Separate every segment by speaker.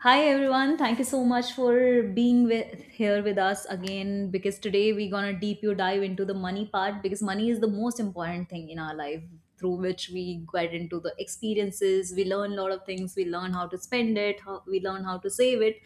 Speaker 1: Hi everyone, thank you so much for being with here with us again because today we're gonna deep you dive into the money part because money is the most important thing in our life through which we get into the experiences. We learn a lot of things, we learn how to spend it, how, we learn how to save it,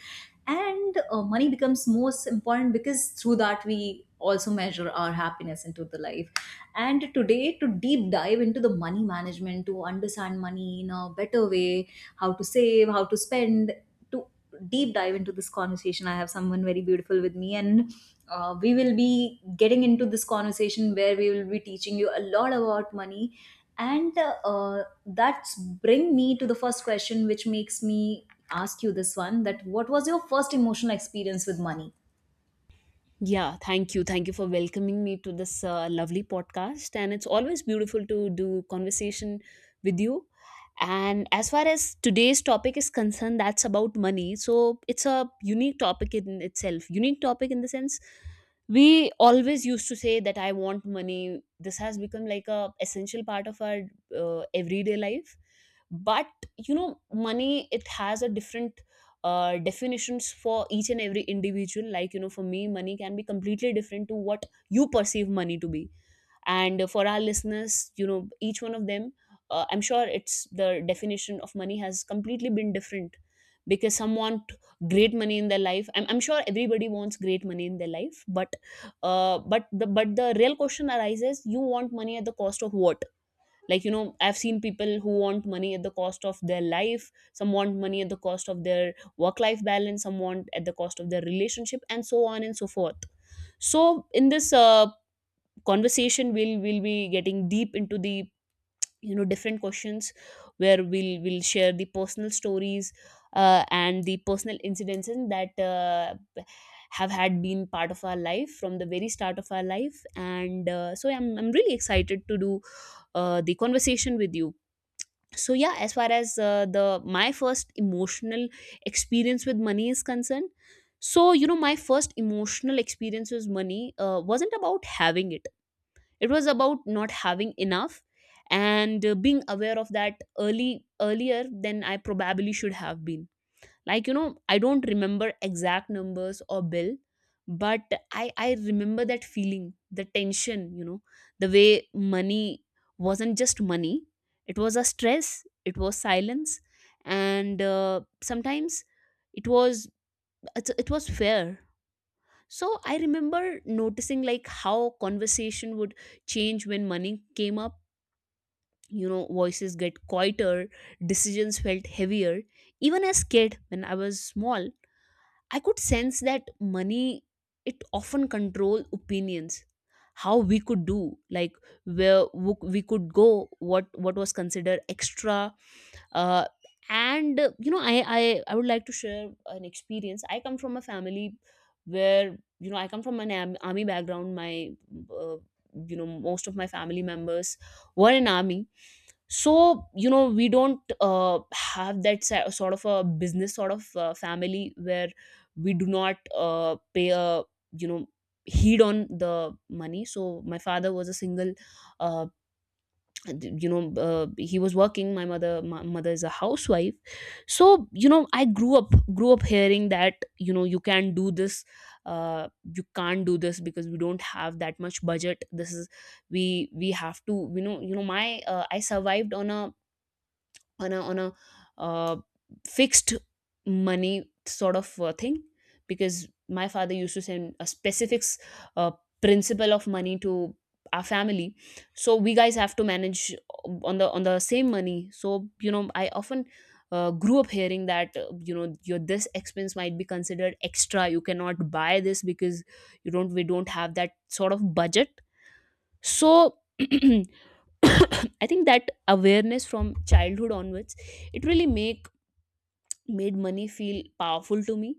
Speaker 1: and money becomes most important because through that we also measure our happiness into the life. And today, to deep dive into the money management, to understand money in a better way, how to save, how to spend, to deep dive into this conversation, I have someone very beautiful with me, and we will be getting into this conversation where we will be teaching you a lot about money. And that's bring me to the first question, which makes me ask you this one, that what was your first emotional experience with money?
Speaker 2: Yeah, thank you. Thank you for welcoming me to this lovely podcast. And it's always beautiful to do conversation with you. And as far as today's topic is concerned, that's about money. So it's a unique topic in itself. Unique topic in the sense we always used to say that I want money. This has become like a essential part of our everyday life but You know, money, it has a different definitions for each and every individual. Like, you know, for me money can be completely different to what you perceive money to be. And for our listeners, you know, each one of them, I'm sure it's the definition of money has completely been different, because some want great money in their life. I'm sure everybody wants great money in their life, but but the real question arises, you want money at the cost of what? Like, you know, I've seen people who want money at the cost of their life. Some want money at the cost of their work life balance. Some want at the cost of their relationship, and so on and so forth. So in this conversation, we'll be getting deep into the, you know, different questions, where we'll share the personal stories, and the personal incidences that have had been part of our life from the very start of our life. And so I'm really excited to do the conversation with you. So yeah, as far as the my first emotional experience with money is concerned, so you know, my first emotional experience with money wasn't about having it. It was about not having enough, and being aware of that early, earlier than I probably should have been. Like, you know, I don't remember exact numbers or bill, but I remember that feeling, the tension, you know, the way money wasn't just money. It was a stress. It was silence. And sometimes it was, it was fair. So I remember noticing like how conversation would change when money came up. You know, voices get quieter, decisions felt heavier. Even as kid, when I was small, I could sense that money, it often control opinions, how we could do, like where we could go, what was considered extra, uh, and you know, I would like to share an experience. I come from a family where, you know, I come from an army background. My uh, you know, most of my family members were in army. So you know, we don't have that sort of a business sort of family where we do not pay a, you know, heed on the money. So my father was a single, uh, you know, he was working. My mother, my mother is a housewife. So you know, I grew up hearing that, you know, you can not do this, you can't do this because we don't have that much budget. This is, we have to, you know, you know, my I survived on a, on a uh, fixed money sort of thing, because my father used to send a specific uh, principle of money to our family. So we guys have to manage on the, on the same money. So you know, I often grew up hearing that, you know, your this expense might be considered extra. You cannot buy this because you don't, we don't have that sort of budget. So I think that awareness from childhood onwards, it really make made money feel powerful to me,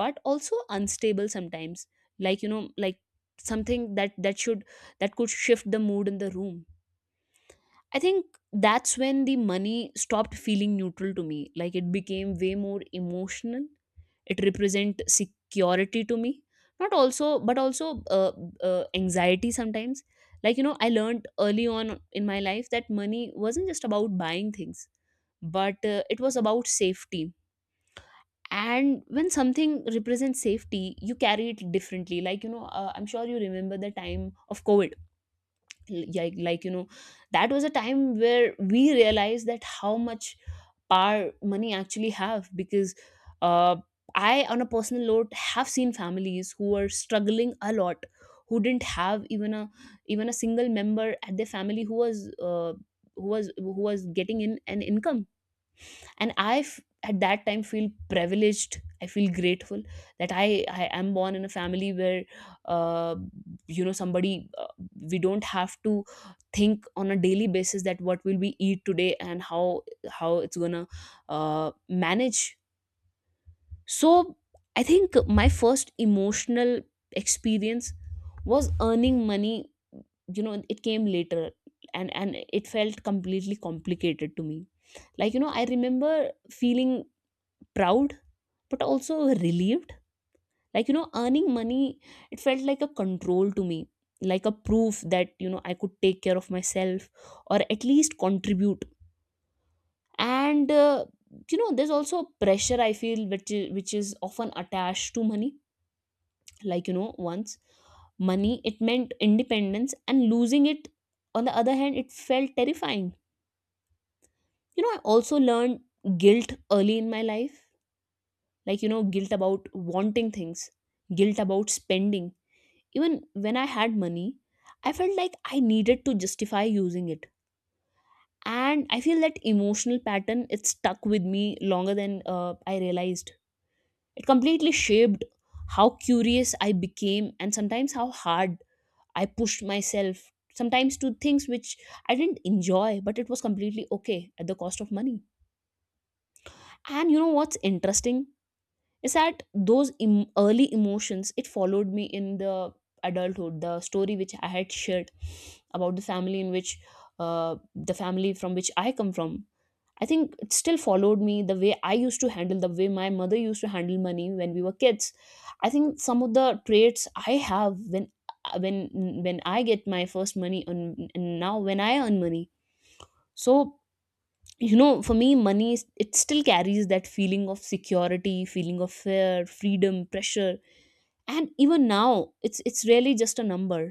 Speaker 2: but also unstable sometimes. Like, you know, like something that that should that could shift the mood in the room. I think that's when the money stopped feeling neutral to me. Like, it became way more emotional. It represent security to me, not also, but also anxiety sometimes. Like, you know, I learned early on in my life that money wasn't just about buying things, but it was about safety. And when something represents safety, you carry it differently. Like, you know, I'm sure you remember the time of COVID. Like, you know, that was a time where we realized that how much power money actually have. Because uh, I, on a personal note, have seen families who are struggling a lot, who didn't have even a single member at their family who was getting in an income. And at that time feel privileged, I feel grateful that I am born in a family where, uh, you know, somebody, we don't have to think on a daily basis that what will we eat today and how it's gonna uh, manage. So I think my first emotional experience was earning money. You know, it came later, and it felt completely complicated to me. Like, you know, I remember feeling proud, but also relieved. Like, you know, earning money, it felt like a control to me, like a proof that, you know, I could take care of myself, or at least contribute. And you know, there's also a pressure I feel which is often attached to money. Like, you know, once money, it meant independence, and losing it, on the other hand, it felt terrifying. You know, I also learned guilt early in my life. Like, you know, guilt about wanting things, guilt about spending. Even when I had money, I felt like I needed to justify using it. And I feel that emotional pattern, it stuck with me longer than I realized. It completely shaped how curious I became, and sometimes how hard I pushed myself, sometimes to things which I didn't enjoy, but it was completely okay at the cost of money. And you know what's interesting? Is that those early emotions, it followed me in the adulthood. The story which I had shared about the family in which, the family from which I come from, I think it still followed me, the way I used to handle, the way my mother used to handle money when we were kids. I think some of the traits I have when uh, when when I get my first money, and now when I earn money. So you know, for me money is, it still carries that feeling of security, feeling of fear, freedom, pressure. And even now, it's really just a number.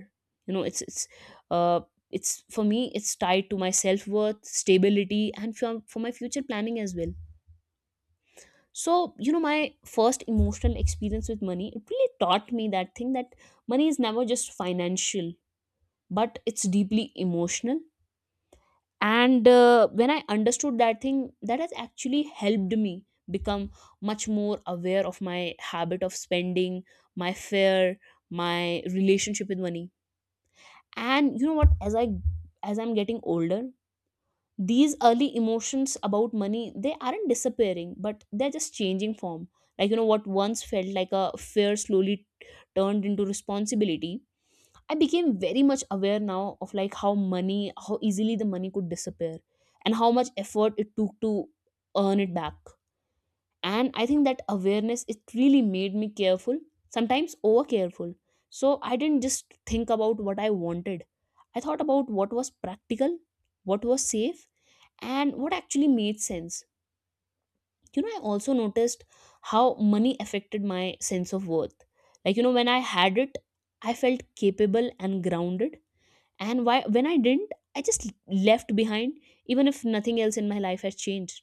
Speaker 2: You know, it's uh it's, for me it's tied to my self-worth, stability, and for my future planning as well. So you know, my first emotional experience with money, it really taught me that thing, that money is never just financial, but it's deeply emotional. And when I understood that thing, that has actually helped me become much more aware of my habit of spending, my fear, my relationship with money. And you know what, as I'm getting older, these early emotions about money, they aren't disappearing, but they're just changing form. Like, you know, what once felt like a fear, slowly turned into responsibility. I became very much aware now of like how money, how easily the money could disappear, and how much effort it took to earn it back. And I think that awareness, it really made me careful, sometimes over careful. So I didn't just think about what I wanted. I thought about what was practical, what was safe, and what actually made sense. You know, I also noticed how money affected my sense of worth. Like, you know, when I had it, I felt capable and grounded and why when I didn't I just left behind, even if nothing else in my life has changed.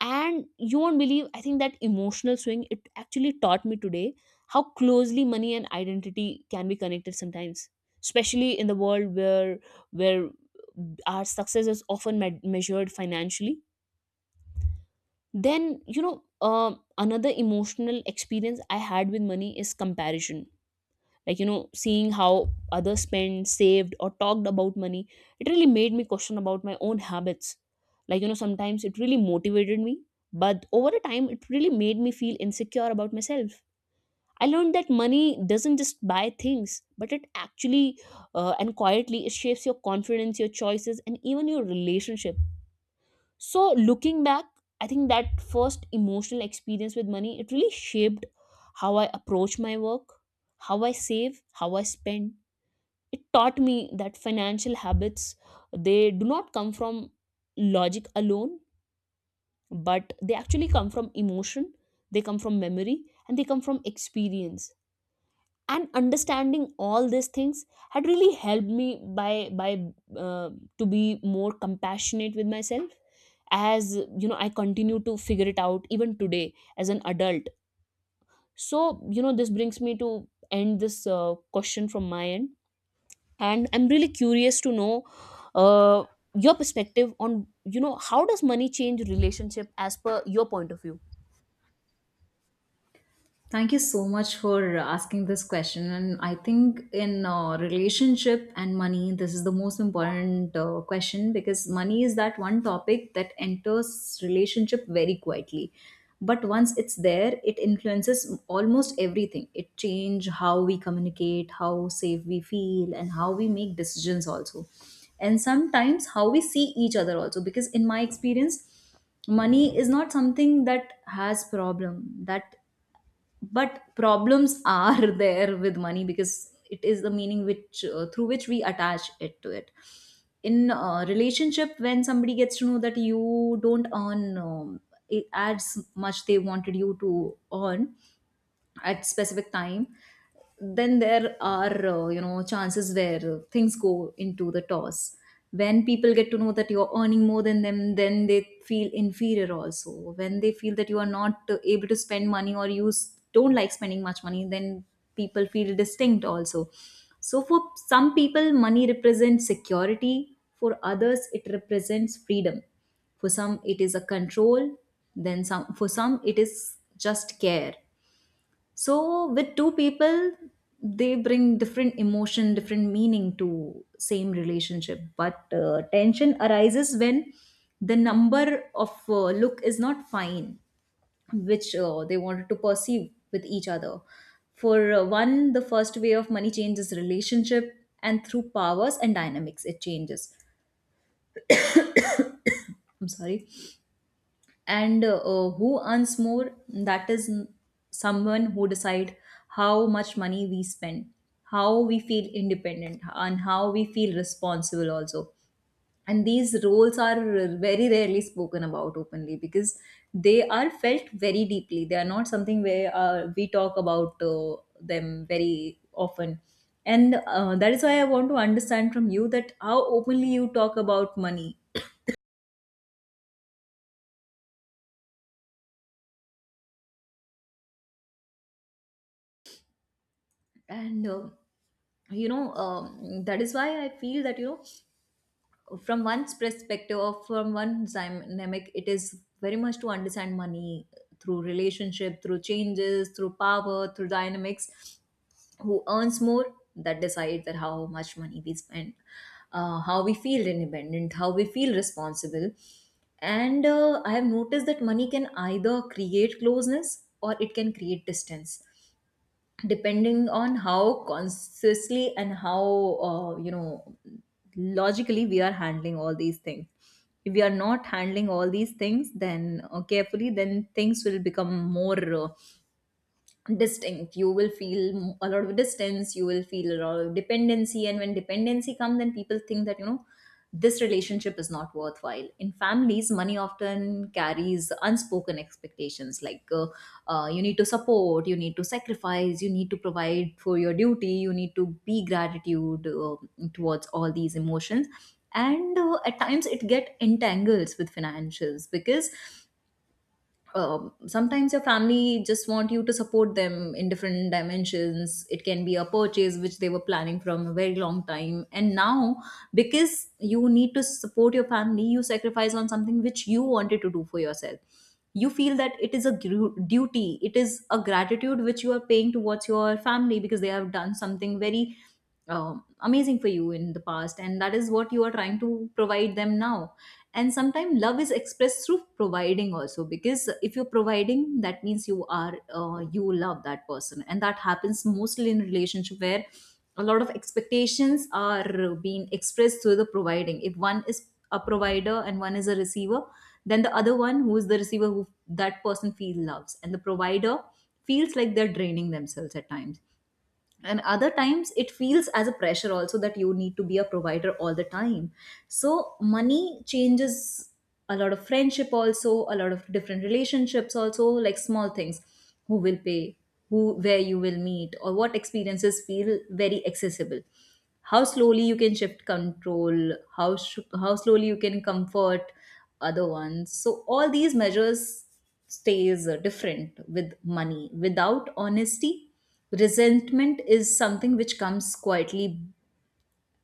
Speaker 2: And you won't believe, I think that emotional swing, it actually taught me today how closely money and identity can be connected, sometimes especially in the world where where our success is often measured financially. Then another emotional experience I had with money is comparison. Like, you know, seeing how others spent, saved, or talked about money, it really made me question about my own habits. Like, you know, sometimes it really motivated me, but over a time it really made me feel insecure about myself. I learned that money doesn't just buy things, but it actually, and quietly, it shapes your confidence, your choices, and even your relationship. So looking back, I think that first emotional experience with money, it really shaped how I approach my work, how I save, how I spend. It taught me that financial habits, they do not come from logic alone, but they actually come from emotion, they come from memory, and they come from experience. And understanding all these things had really helped me by by uh, to be more compassionate with myself, as you know, I continue to figure it out even today as an adult. So, you know, this brings me to end this question from my end, and I'm really curious to know, uh, your perspective on, you know, how does money change relationship as per your point of view?
Speaker 1: Thank you so much for asking this question. And I think in relationship and money, this is the most important question, because money is that one topic that enters relationship very quietly. But once it's there, it influences almost everything. It change how we communicate, how safe we feel, and how we make decisions also. And sometimes how we see each other also. Because in my experience, money is not something that has problem that, but problems are there with money, because it is the meaning which through which we attach it to it. In a relationship, when somebody gets to know that you don't earn as much they wanted you to earn at specific time, then there are you know, chances where things go into the toss. When people get to know that you're earning more than them, then they feel inferior also. When they feel that you are not able to spend money, or you don't like spending much money, then people feel distinct also. So for some people money represents security, for others it represents freedom, for some it is a control, then some, for some it is just care. So with two people, they bring different emotion, different meaning to same relationship, but tension arises when the number of look is not fine, which they wanted to perceive with each other. For one, the first way of money changes relationship, and through powers and dynamics it changes. I'm sorry. And who earns more, that is someone who decide how much money we spend, how we feel independent, and how we feel responsible also. And these roles are very rarely spoken about openly, because they are felt very deeply. They are not something where we talk about them very often. And that is why I want to understand from you that how openly you talk about money. And you know, that is why I feel that you know, from one's perspective or from one's dynamic, it is very much to understand money through relationship, through changes, through power, through dynamics. Who earns more, that decides that how much money we spend, how we feel independent, how we feel responsible. And I have noticed that money can either create closeness, or it can create distance, depending on how consciously and how you know, logically we are handling all these things. If we are not handling all these things then carefully, then things will become more distinct. You will feel a lot of distance, you will feel a lot of dependency, and when dependency comes, then people think that you know, this relationship is not worthwhile. In families, money often carries unspoken expectations, like you need to support, you need to sacrifice, you need to provide for your duty, you need to be gratitude towards all these emotions. And at times it get entangles with financials, because sometimes your family just want you to support them in different dimensions. It can be a purchase which they were planning from a very long time, and now because you need to support your family, you sacrifice on something which you wanted to do for yourself. You feel that it is a duty, it is a gratitude which you are paying towards your family, because they have done something very amazing for you in the past, and that is what you are trying to provide them now. And sometimes love is expressed through providing also, because if you're providing, that means you are you love that person. And that happens mostly in relationship where a lot of expectations are being expressed through the providing. If one is a provider and one is a receiver, then the other one who is the receiver, who, that person feels loves, and the provider feels like they're draining themselves at times. And other times it feels as a pressure also, that you need to be a provider all the time. So money changes a lot of friendship also, a lot of different relationships also, like small things, who will pay, who, where you will meet, or what experiences feel very accessible, how slowly you can shift control, how slowly you can comfort other ones. So all these measures stays different with money without honesty. Resentment is something which comes quietly,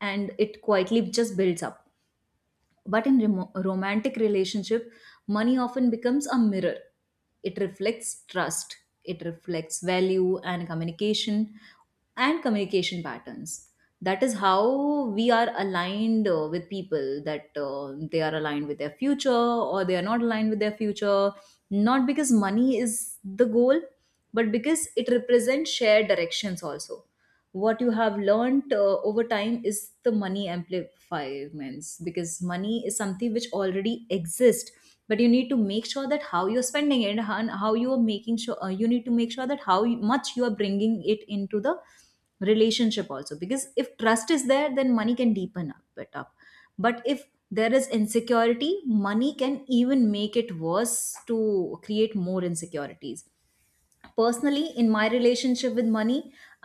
Speaker 1: and it quietly just builds up. But in romantic relationship, money often becomes a mirror. It reflects trust, it reflects value and communication, and communication patterns. That is how we are aligned with people, that they are aligned with their future, or they are not aligned with their future. Not because money is the goal, but because it represents shared directions also. What you have learned over time is the money amplifiers, because money is something which already exists, but you need to make sure that how you're spending it, and how you are making sure, you need to make sure that how much you are bringing it into the relationship also, because if trust is there, then money can deepen up it up. But if there is insecurity, money can even make it worse, to create more insecurities. Personally, in my relationship with money,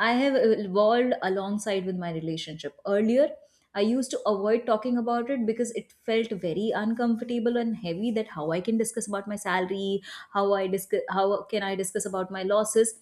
Speaker 1: I have evolved alongside with my relationship. Earlier, I used to avoid talking about it because it felt very uncomfortable and heavy, that how I can discuss about my salary, how I discuss, how can I discuss about my losses.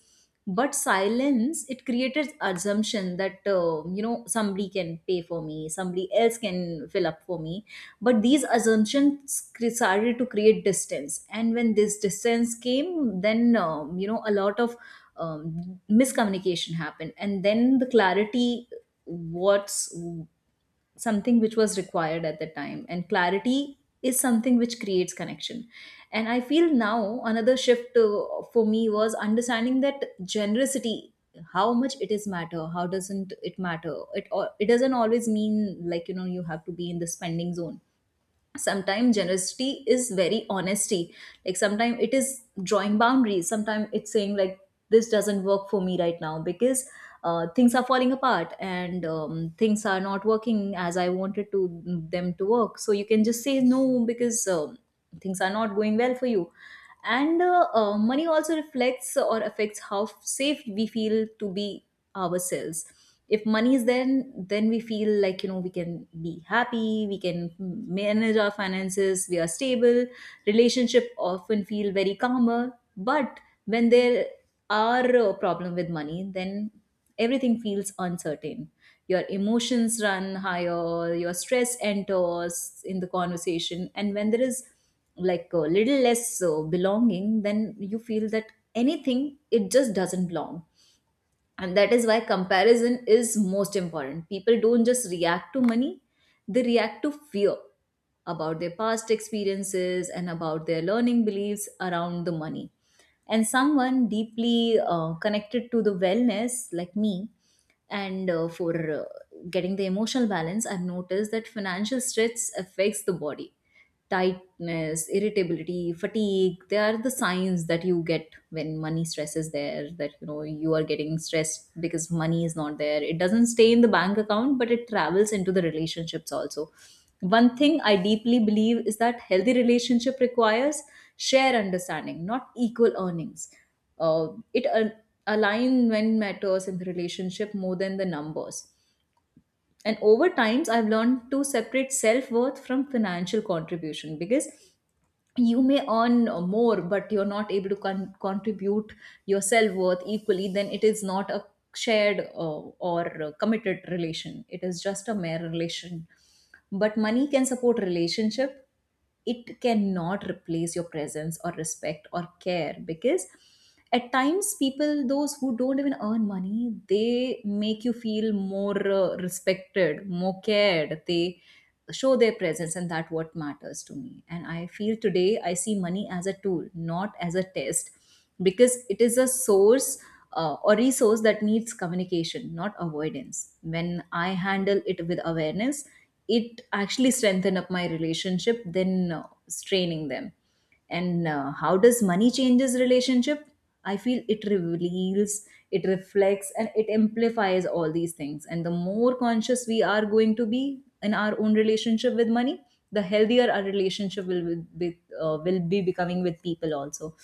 Speaker 1: But silence it created assumption that you know, somebody can pay for me, somebody else can fill up for me. But these assumptions started to create distance, and when this distance came, then you know, a lot of miscommunication happened, and then the clarity, what's something which was required at the time, and clarity is something which creates connection. And I feel now another shift for me was understanding that generosity, how much it is matter, how doesn't it matter, it doesn't always mean like you know, you have to be in the spending zone. Sometimes generosity is very honesty, like sometimes it is drawing boundaries, sometimes it's saying like this doesn't work for me right now, because things are falling apart, and things are not working as I wanted to them to work. So you can just say no, because things are not going well for you. And money also reflects or affects how safe we feel to be ourselves. If money is there, then we feel like you know, we can be happy, we can manage our finances, we are stable. Relationship often feel very calmer, but when there are a problem with money, then everything feels uncertain. Your emotions run higher, your stress enters in the conversation, and when there is like a little less belonging, then you feel that anything, it just doesn't belong. And that is why comparison is most important. People don't just react to money, they react to fear about their past experiences and about their learning beliefs around the money. And someone deeply connected to the wellness like me, and for getting the emotional balance, I've noticed that financial stress affects the body. Tightness, irritability, fatigue, they are the signs that you get when money stress is there, that you know you are getting stressed because money is not there. It doesn't stay in the bank account, but it travels into the relationships also. One thing I deeply believe is that healthy relationship requires share understanding, not equal earnings. uh, it al- Alignment matters in the relationship more than the numbers. And over times I've learned to separate self-worth from financial contribution, because you may earn more, but you're not able to contribute your self-worth equally, then it is not a shared or Committed relation, it is just a mere relation. But money can support relationship, it cannot replace your presence or respect or care, because at times people those who don't even earn money, they make you feel more respected, more cared. They show their presence and that what matters to me. And I feel today I see money as a tool, not as a test, because it is a source, or resource that needs communication, not avoidance. When I handle it with awareness, it actually strengthen up my relationship than straining them. And how does money changes relationship? I feel it reveals, it reflects, and it amplifies all these things. And the more conscious we are going to be in our own relationship with money, the healthier our relationship will be, will be becoming with people also.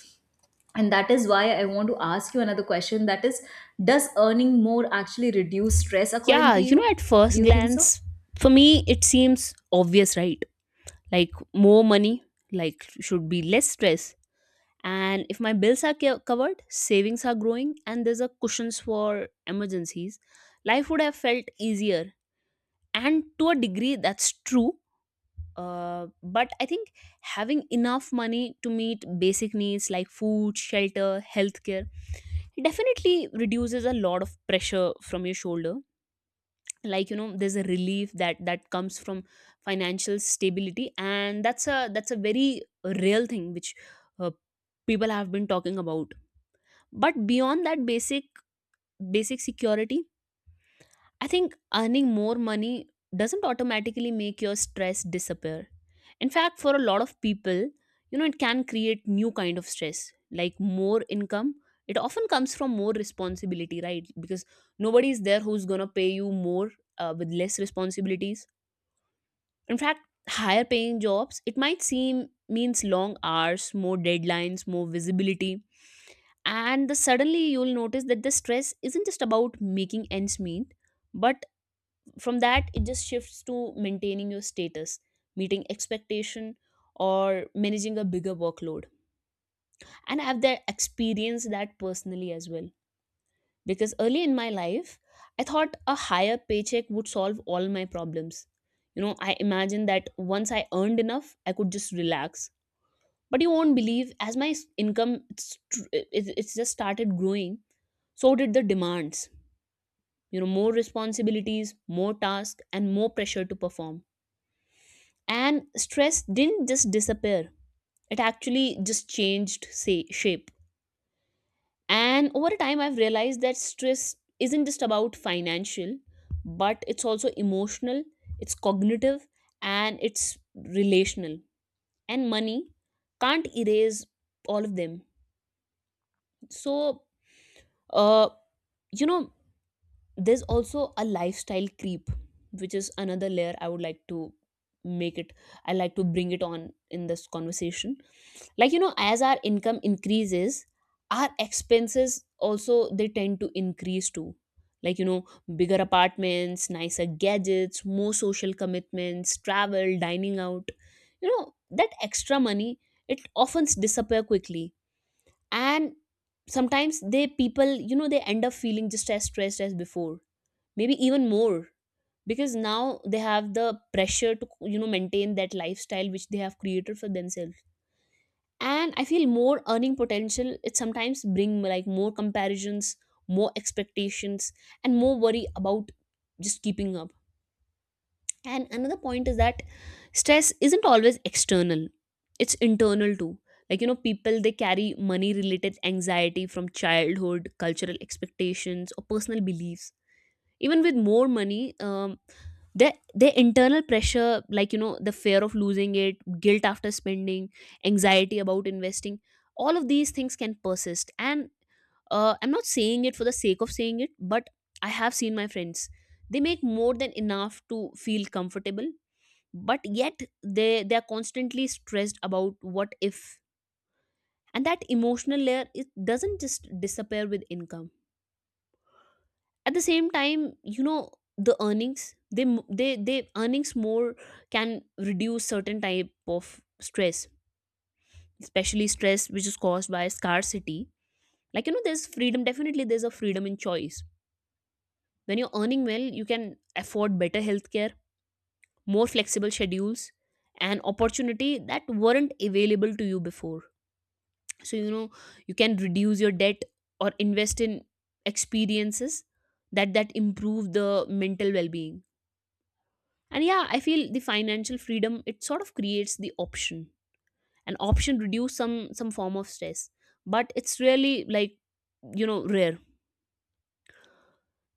Speaker 1: And that is why I want to ask you another question, that is, does earning more actually reduce stress according
Speaker 2: Yeah,
Speaker 1: to
Speaker 2: you know,
Speaker 1: you?
Speaker 2: at
Speaker 1: Do
Speaker 2: first
Speaker 1: you think so?
Speaker 2: glance, for me it seems obvious, right? Like, more money like should be less stress. And if my bills are covered, savings are growing, and there's a cushions for emergencies, life would have felt easier. And to a degree, that's true. uh, but I think having enough money to meet basic needs like food, shelter, healthcare, definitely reduces a lot of pressure from your shoulder. Like, you know, there's a relief that comes from financial stability, and that's a very real thing which uh, people have been talking about. But beyond that basic security, I think earning more money doesn't automatically make your stress disappear. In fact, for a lot of people, you know, it can create new kind of stress, like more income. It often comes from more responsibility, right? Because nobody is there who's gonna pay you more with less responsibilities. In fact, higher paying jobs, it might seem means long hours, more deadlines, more visibility. And suddenly you'll notice that the stress isn't just about making ends meet, but from that it just shifts to maintaining your status, meeting expectation, or managing a bigger workload. And I've that experienced that personally as well, because early in my life I thought a higher paycheck would solve all my problems. You know, I imagined that once I earned enough, I could just relax. But you won't believe, as my income it's just started growing, so did the demands. You know, more responsibilities, more tasks, and more pressure to perform. And stress didn't just disappear, it actually just changed say shape. And over time, I've realized that stress isn't just about financial, but it's also emotional, it's cognitive, and it's relational. And money can't erase all of them. So, uh, you know, there's also a lifestyle creep, which is another layer I would like to make it I like to bring it on in this conversation. Like, you know, as our income increases, our expenses also, they tend to increase too. Like, you know, bigger apartments, nicer gadgets, more social commitments, travel, dining out, you know, that extra money, it often disappear quickly. And sometimes they people, you know, they end up feeling just as stressed as before, maybe even more, because now they have the pressure to, you know, maintain that lifestyle which they have created for themselves. And I feel more earning potential, it sometimes bring like more comparisons, more expectations, and more worry about just keeping up. And another point is that stress isn't always external, it's internal too. Like, you know, people, they carry money related anxiety from childhood, cultural expectations, or personal beliefs. Even with more money, their internal pressure, like, you know, the fear of losing it, guilt after spending, anxiety about investing, all of these things can persist. And I'm not saying it for the sake of saying it, but I have seen my friends, they make more than enough to feel comfortable, but yet they are constantly stressed about what if. And that emotional layer, it doesn't just disappear with income. At the same time, you know, the earnings, they m- they earnings more can reduce certain type of stress, especially stress which is caused by scarcity. Like, you know, there's freedom, definitely there's a freedom in choice. When you're earning well, you can afford better healthcare, more flexible schedules, and opportunity that weren't available to you before. So, you know, you can reduce your debt or invest in experiences that improve the mental well-being. And yeah, I feel the financial freedom, it sort of creates the option, an option reduce some form of stress, but it's really like, you know, rare.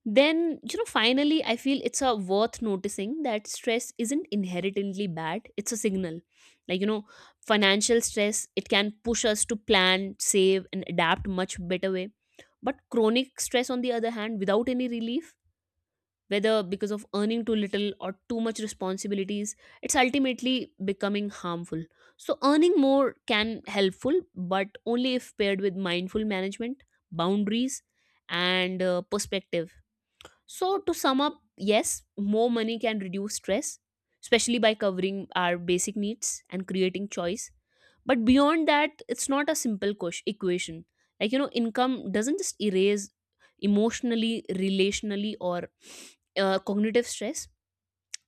Speaker 2: Then, you know, finally, I feel it's a worth noticing that stress isn't inherently bad, it's a signal. Like, you know, financial stress, it can push us to plan, save, and adapt much better way. But chronic stress, on the other hand, without any relief, whether because of earning too little or too much responsibilities, it's ultimately becoming harmful. So earning more can helpful, but only if paired with mindful management, boundaries, and perspective. So, to sum up, yes, more money can reduce stress, especially by covering our basic needs and creating choice. But beyond that, it's not a simple equation. Like, you know, income doesn't just erase emotionally, relationally, or cognitive stress,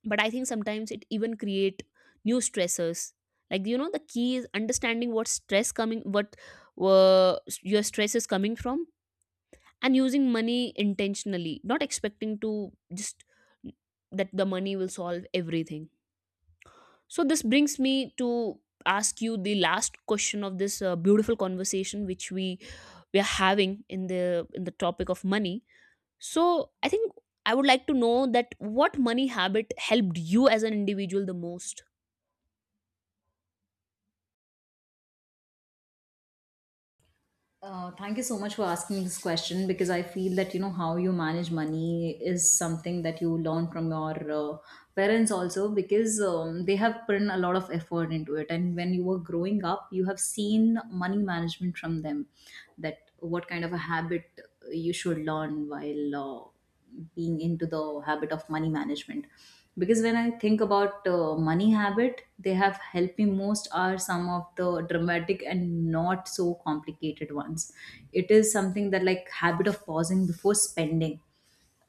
Speaker 2: but I think sometimes it even create new stressors. Like, you know, the key is understanding what stress coming, what uh, your stress is coming from, and using money intentionally, not expecting to just that the money will solve everything. So this brings me to ask you the last question of this beautiful conversation which we are having in the topic of money. So I think I would like to know that what money habit helped you as an individual the most?
Speaker 1: Thank you so much for asking this question, because I feel that, you know, how you manage money is something that you learn from your parents also, because they have put in a lot of effort into it. And when you were growing up, you have seen money management from them, that what kind of a habit you should learn while being into the habit of money management. Because when I think about money habit, they have helped me most are some of the dramatic and not so complicated ones. It is something that like habit of pausing before spending,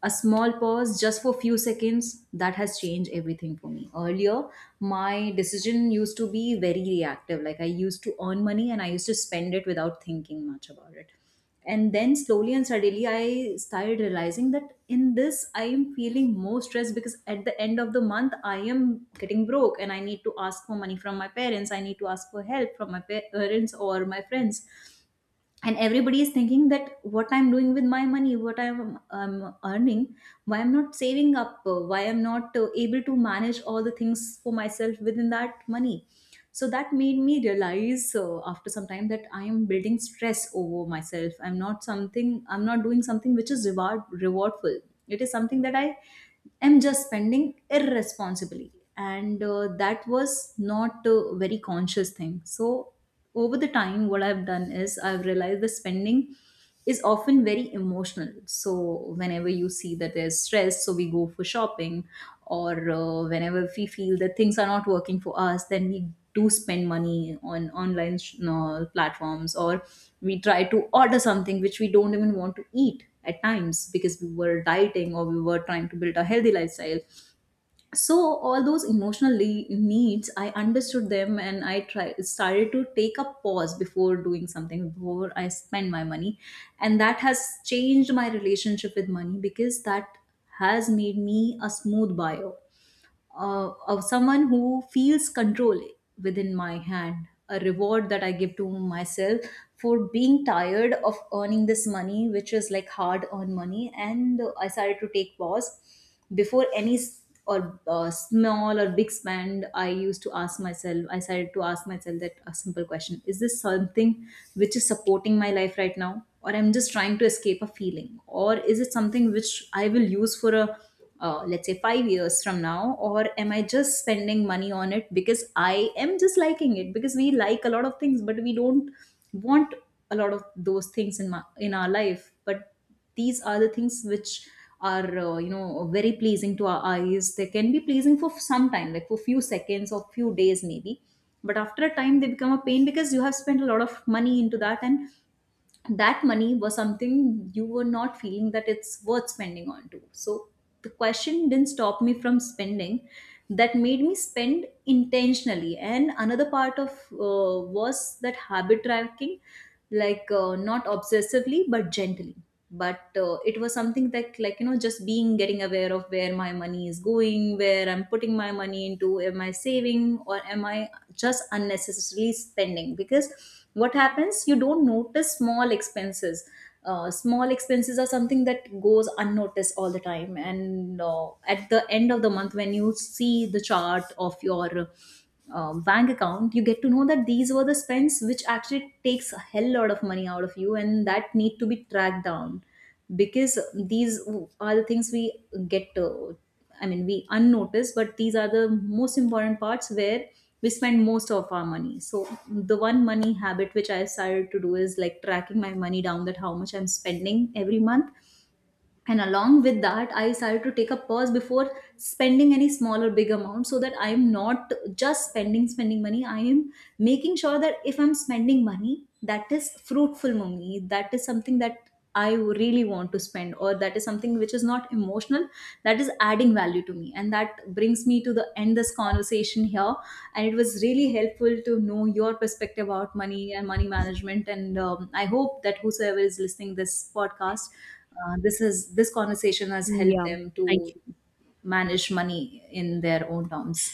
Speaker 1: a small pause just for few seconds, that has changed everything for me. Earlier my decision used to be very reactive, like I used to earn money and I used to spend it without thinking much about it. And then slowly and suddenly I started realizing that in this I am feeling more stressed, because at the end of the month I am getting broke and I need to ask for money from my parents, I need to ask for help from my parents or my friends. And everybody is thinking that what I'm doing with my money, what I'm earning, why I'm not saving up, why I'm not able to manage all the things for myself within that money. So that made me realize after some time that I am building stress over myself, I'm not something, I'm not doing something which is rewardful. It is something that I am just spending irresponsibly. And that was not a very conscious thing. So over the time what I've done is I've realized the spending is often very emotional. So whenever you see that there's stress, so we go for shopping, or whenever we feel that things are not working for us, then we do spend money on online platforms, or we try to order something which we don't even want to eat at times, because we were dieting or we were trying to build a healthy lifestyle. So all those emotional needs, I understood them, and I started to take a pause before doing something, before I spend my money. And that has changed my relationship with money, because that has made me a smooth buyer, of someone who feels control within my hand, a reward that I give to myself for being tired of earning this money, which is like hard earned money. And I started to take pause before any s- or small or big spend. I started to ask myself that a simple question, is this something which is supporting my life right now, or I'm just trying to escape a feeling, or is it something which I will use for a, let's say, 5 years from now, or am I just spending money on it because I am just liking it? Because we like a lot of things, but we don't want a lot of those things in in our life. But these are the things which are, you know, very pleasing to our eyes, they can be pleasing for some time, like for few seconds or few days maybe, but after a time they become a pain, because you have spent a lot of money into that, and that money was something you were not feeling that it's worth spending on to. So the question didn't stop me from spending, that made me spend intentionally. And another part of was that habit tracking, like not obsessively but gently. But it was something that, like, you know, just being getting aware of where my money is going, where I'm putting my money into, am I saving or am I just unnecessarily spending? Because what happens, you don't notice small expenses. Small expenses are something that goes unnoticed all the time, and at the end of the month when you see the chart of your bank account, you get to know that these were the spends which actually takes a hell lot of money out of you, and that need to be tracked down. Because these are the things we get to, I mean, we unnotice, but these are the most important parts where we spend most of our money. So the one money habit which I started to do is like tracking my money down, that how much I'm spending every month. And along with that, I decided to take a pause before spending any small or big amount, so that I am not just spending money, I am making sure that if I'm spending money, that is fruitful money, that is something that I really want to spend, or that is something which is not emotional, that is adding value to me. And that brings me to the end this conversation here, and it was really helpful to know your perspective about money and money management. And I hope that whosoever is listening this podcast, this conversation has helped
Speaker 2: Yeah.
Speaker 1: them to
Speaker 2: Thank
Speaker 1: manage money in their own terms.